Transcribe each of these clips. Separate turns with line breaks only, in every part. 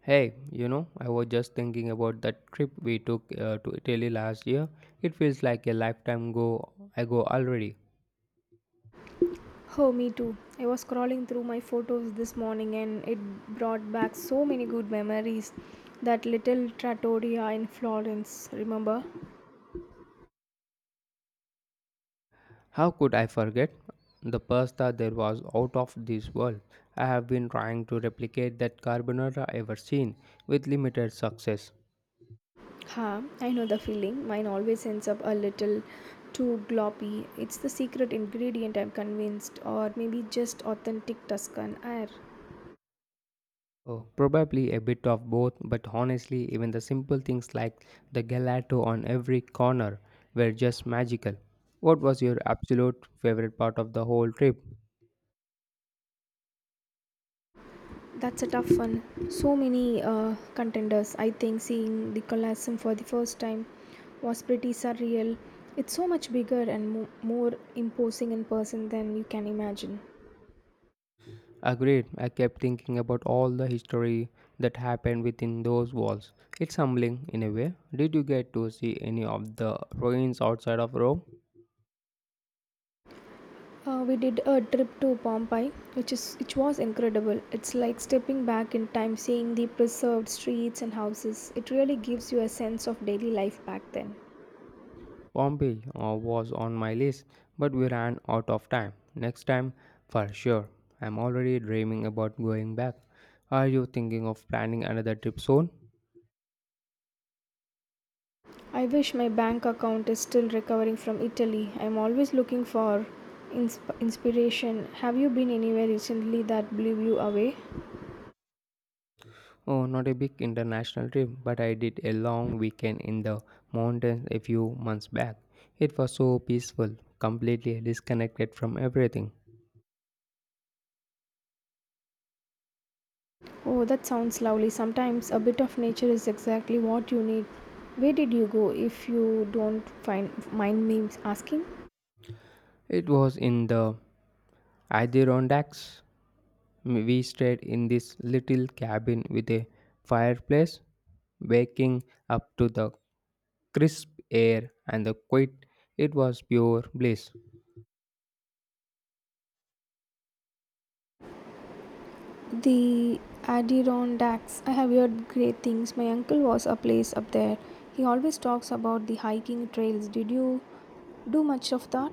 Hey, you know, I was just thinking about that trip we took to Italy last year. It feels like a lifetime ago already.
Oh, me too. I was scrolling through my photos this morning and it brought back so many good memories. That little trattoria in Florence, remember?
How could I forget? The pasta there was out of this world. I have been trying to replicate that carbonara ever seen with limited success.
Ha, I know the feeling. Mine always ends up a little too gloppy. It's the secret ingredient, I'm convinced, or maybe just authentic Tuscan air.
Oh, probably a bit of both, but honestly, even the simple things like the gelato on every corner were just magical. What was your absolute favorite part of the whole trip?
That's a tough one. So many contenders. I think seeing the Colosseum for the first time was pretty surreal. It's so much bigger and more imposing in person than you can imagine.
Agreed. I kept thinking about all the history that happened within those walls. It's humbling in a way. Did you get to see any of the ruins outside of Rome?
We did a trip to Pompeii, which was incredible. It's like stepping back in time, seeing the preserved streets and houses. It really gives you a sense of daily life back then.
Pompeii was on my list, but we ran out of time. Next time, for sure. I'm already dreaming about going back. Are you thinking of planning another trip soon?
I wish my bank account is still recovering from Italy. I'm always looking for inspiration. Have you been anywhere recently that blew you away?
Oh, not a big international trip, but I did a long weekend in the mountains a few months back. It was so peaceful, completely disconnected from everything.
Oh, that sounds lovely. Sometimes a bit of nature is exactly what you need. Where did you go if you don't find mind me asking?
It was in the Adirondacks. We stayed in this little cabin with a fireplace, waking up to the crisp air and the quiet. It was pure bliss.
The Adirondacks. I have heard great things. My uncle was a place up there. He always talks about the hiking trails. Did you do much of that?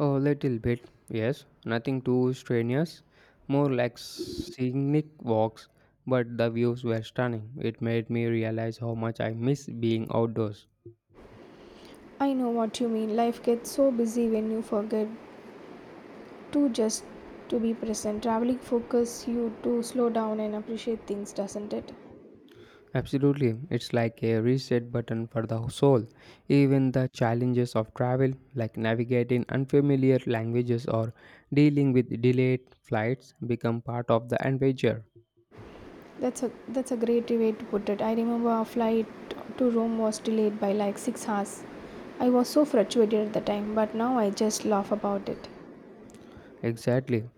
A little bit, yes. Nothing too strenuous. More like scenic walks, but the views were stunning. It made me realize how much I miss being outdoors.
I know what you mean. Life gets so busy when you forget to just to be present. Traveling focuses you to slow down and appreciate things, doesn't it?
Absolutely, it's like a reset button for the soul. Even the challenges of travel, like navigating unfamiliar languages or dealing with delayed flights, become part of the adventure.
That's a great way to put it. I remember our flight to Rome was delayed by like 6 hours. I was so frustrated at the time, but now I just laugh about it.
Exactly.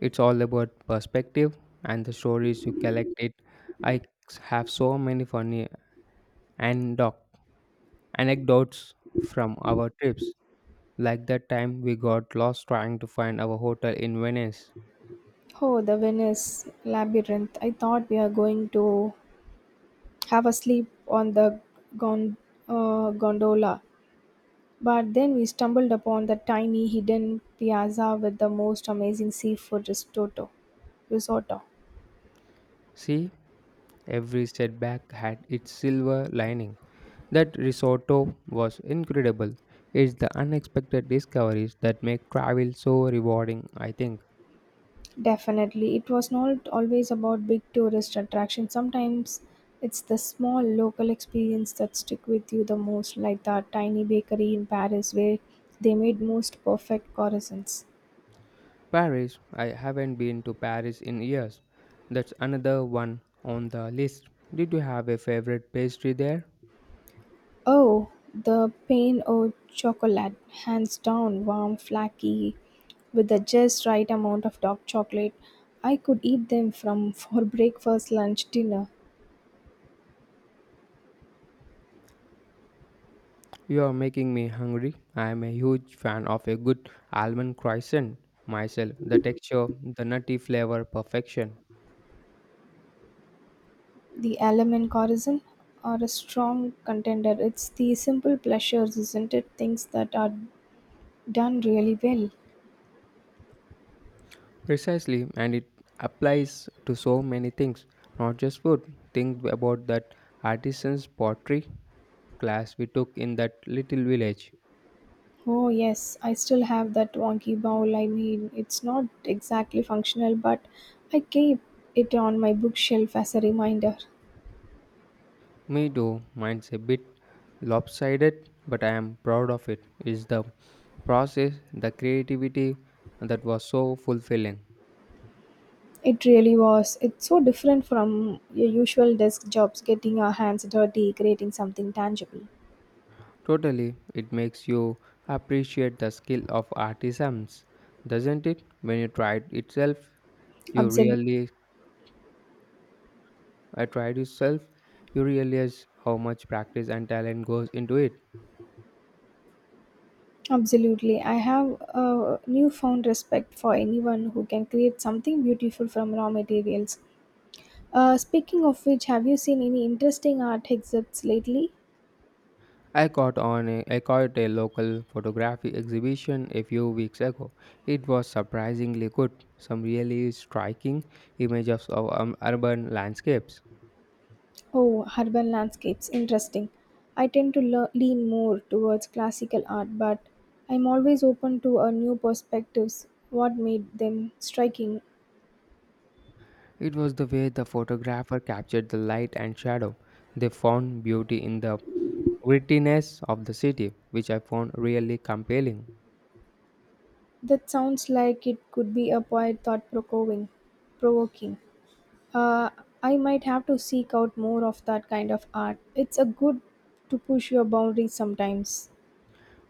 It's all about perspective and the stories you collect it. I have so many funny anecdote, anecdotes from our trips, like that time we got lost trying to find our hotel in Venice.
Oh, the Venice labyrinth. I thought we are going to have a sleep on the gon- gondola. But then we stumbled upon the tiny hidden piazza with the most amazing seafood risotto.
See, every setback had its silver lining. That risotto was incredible. It's the unexpected discoveries that make travel so rewarding, I think.
Definitely, it was not always about big tourist attractions. Sometimes it's the small local experience that stick with you the most, like that tiny bakery in Paris where they made most perfect croissants.
Paris. I haven't been to Paris in years. That's another one on the list. Did you have a favorite pastry there?
Oh, the pain au chocolate, hands down, warm, flaky, with the just right amount of dark chocolate. I could eat them from for breakfast, lunch, dinner.
You are making me hungry. I am a huge fan of a good almond croissant myself. The texture, the nutty flavor, perfection.
The almond corazon are a strong contender. It's the simple pleasures, isn't it? Things that are done really well.
Precisely, and it applies to so many things, not just food. Think about that artisan's pottery class we took in that little village.
Oh yes, I still have that wonky bowl. I mean, it's not exactly functional, but I keep it on my bookshelf as a reminder.
Me too. Mine's a bit lopsided, but I am proud of it. It's the process, the creativity that was so fulfilling.
It really was. It's so different from your usual desk jobs, getting our hands dirty, creating something tangible.
Totally, it makes you appreciate the skill of artisans, doesn't it? When you tried it itself, you
Absolutely.
really I tried itself, you realize how much practice and talent goes into it.
Absolutely. I have a newfound respect for anyone who can create something beautiful from raw materials. Speaking of which, have you seen any interesting art exhibits lately?
I caught a local photography exhibition a few weeks ago. It was surprisingly good. Some really striking images of urban landscapes.
Oh, urban landscapes. Interesting. I tend to lean more towards classical art, but I'm always open to a new perspectives. What made them striking?
It was the way the photographer captured the light and shadow. They found beauty in the wittiness of the city, which I found really compelling.
That sounds like it could be a quite thought provoking. Uh, I might have to seek out more of that kind of art. It's a good to push your boundaries sometimes.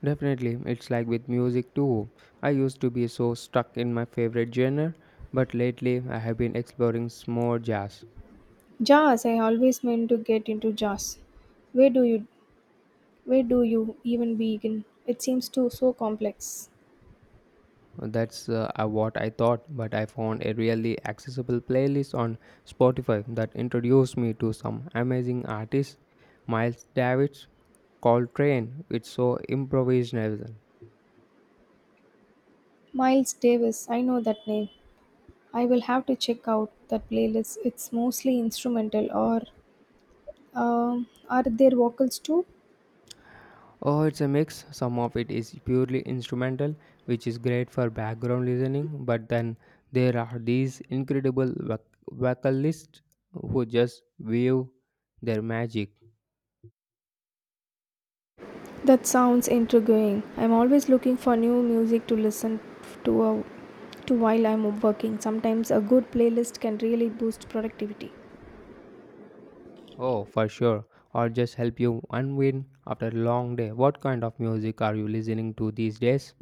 Definitely, it's like with music too. I used to be so stuck in my favorite genre, but lately I have been exploring some more jazz.
Jazz. I always meant to get into jazz. Where do you where do you even begin? It seems too so complex.
That's what I thought, but I found a really accessible playlist on Spotify that introduced me to some amazing artists. Miles Davis, Coltrane, it's so improvisational.
Miles Davis. I know that name. I will have to check out that playlist. It's mostly instrumental, or are there vocals too?
Oh, it's a mix. Some of it is purely instrumental, which is great for background listening, but then there are these incredible vocalists who just weave their magic.
That sounds intriguing. I'm always looking for new music to listen to, uh, to while I'm working. Sometimes a good playlist can really boost productivity.
Oh, for sure. Or just help you unwind after a long day. What kind of music are you listening to these days?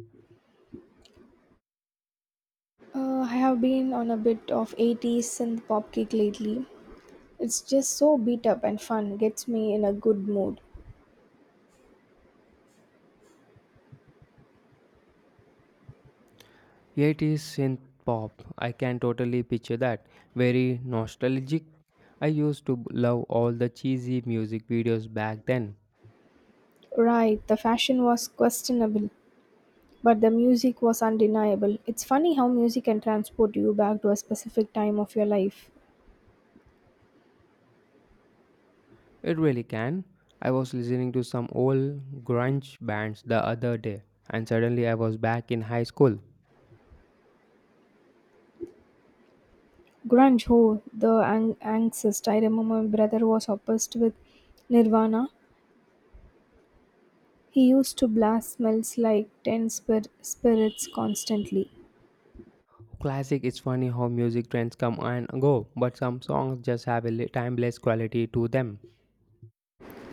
I have been on a bit of 80s synth pop kick lately. It's just so beat up and fun, gets me in a good mood.
Eighties synth pop. I can totally picture that. Very nostalgic. I used to love all the cheesy music videos back then.
Right, the fashion was questionable, but the music was undeniable. It's funny how music can transport you back to a specific time of your life.
It really can. I was listening to some old grunge bands the other day, and suddenly I was back in high school.
Grunge, oh, the angst. I remember my brother was obsessed with Nirvana. He used to blast smells like 10 spirits constantly.
Classic, it's funny how music trends come and go, but some songs just have a timeless quality to them.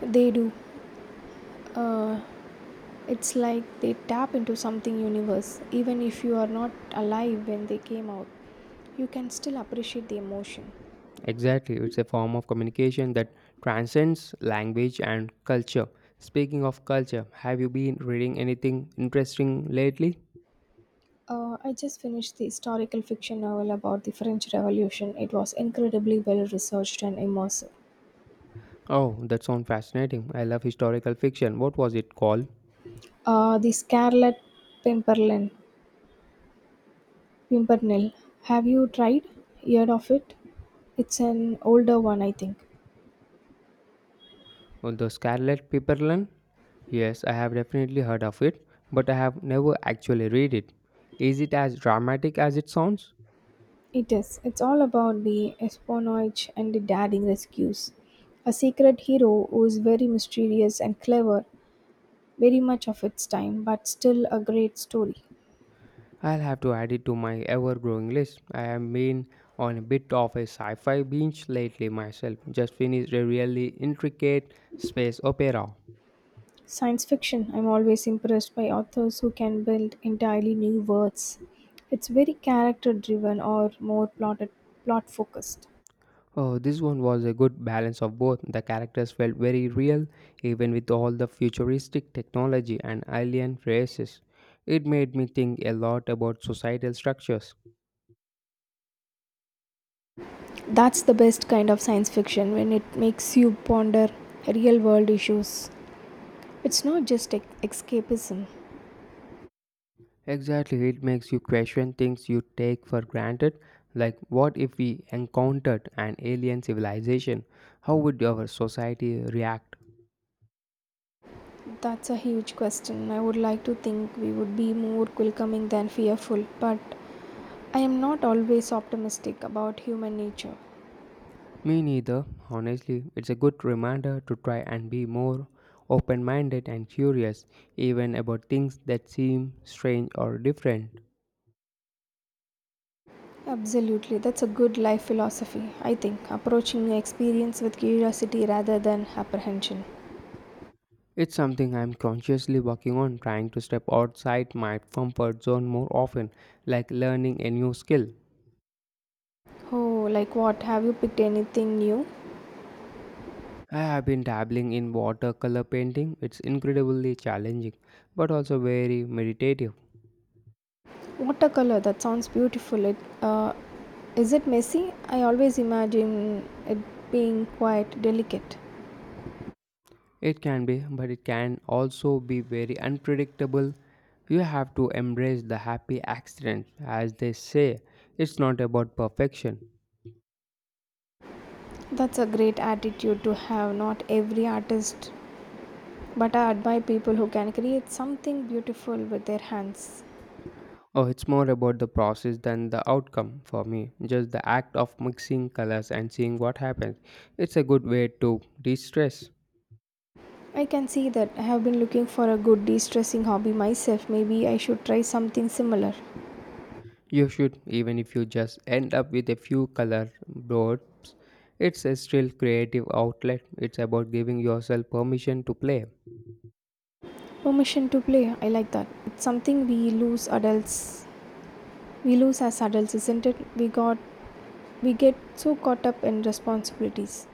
They do. Uh, it's like they tap into something universe. Even if you are not alive when they came out, you can still appreciate the emotion.
Exactly, it's a form of communication that transcends language and culture. Speaking of culture, have you been reading anything interesting lately?
I just finished the historical fiction novel about the French Revolution. It was incredibly well researched and immersive.
Oh, that sounds fascinating. I love historical fiction. What was it called?
The Scarlet Pimpernel Pimpernel. Have you tried? Heard of it? It's an older one, I think.
Oh, The Scarlet Pimpernel? Yes, I have definitely heard of it, but I have never actually read it. Is it as dramatic as it sounds?
It is. It's all about the espionage and the daring rescues. A secret hero who is very mysterious and clever, very much of its time, but still a great story.
I'll have to add it to my ever growing list. I have been on a bit of a sci fi binge lately myself. Just finished a really intricate space opera.
Science fiction, I'm always impressed by authors who can build entirely new worlds. It's very character driven or more plot focused.
Oh, this one was a good balance of both. The characters felt very real, even with all the futuristic technology and alien races. It made me think a lot about societal structures.
That's the best kind of science fiction when it makes you ponder real world issues. It's not just escapism.
Exactly, it makes you question things you take for granted, like what if we encountered an alien civilization? How would our society react?
That's a huge question. I would like to think we would be more welcoming than fearful, but I am not always optimistic about human nature.
Me neither, honestly. It's a good reminder to try and be more open minded and curious, even about things that seem strange or different.
Absolutely, that's a good life philosophy, I think. Approaching the experience with curiosity rather than apprehension.
It's something I'm consciously working on, trying to step outside my comfort zone more often, like learning a new skill.
Oh, like what? Have you picked anything new?
I have been dabbling in watercolor painting. It's incredibly challenging, but also very meditative.
Watercolor, that sounds beautiful. Uh, is it messy? I always imagine it being quite delicate.
It can be, but it can also be very unpredictable. You have to embrace the happy accident, as they say. It's not about perfection.
That's a great attitude to have, not every artist, but I admire people who can create something beautiful with their hands.
Oh, it's more about the process than the outcome for me. Just the act of mixing colors and seeing what happens. It's a good way to de stress.
I can see that I have been looking for a good de stressing hobby myself. Maybe I should try something similar.
You should, even if you just end up with a few color blobs. It's a still creative outlet. It's about giving yourself permission to play.
Permission to play, I like that. It's something we lose adults. We lose as adults, isn't it? We get so caught up in responsibilities.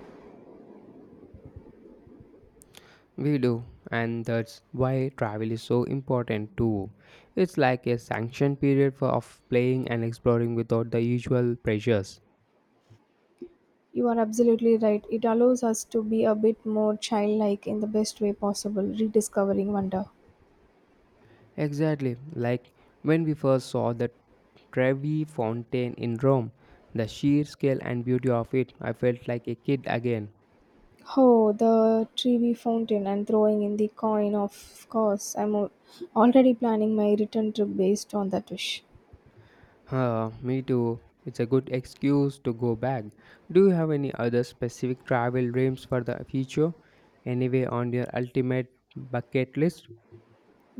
We do, and that's why travel is so important too. It's like a sanction period for of playing and exploring without the usual pressures.
You are absolutely right. It allows us to be a bit more childlike in the best way possible, rediscovering wonder.
Exactly, like when we first saw the Trevi Fountain in Rome, the sheer scale and beauty of it, I felt like a kid again.
Oh, the Trevi fountain and throwing in the coin, of course. Already planning my return trip based on that wish.
Huh, me too. It's a good excuse to go back. Do you have any other specific travel dreams for the future? Anyway, on your ultimate bucket list,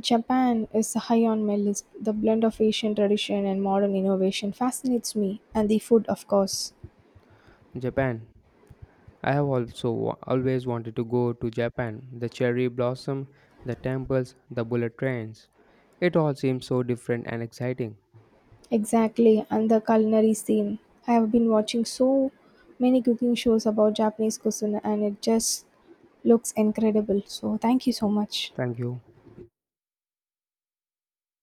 Japan is high on my list. The blend of Asian tradition and modern innovation fascinates me, and the food, of course.
Japan. I have also always wanted to go to Japan. The cherry blossom, the temples, the bullet trains. It all seems so different and exciting.
Exactly, and the culinary scene. I have been watching so many cooking shows about Japanese cuisine and it just looks incredible. So, thank you so much.
Thank you.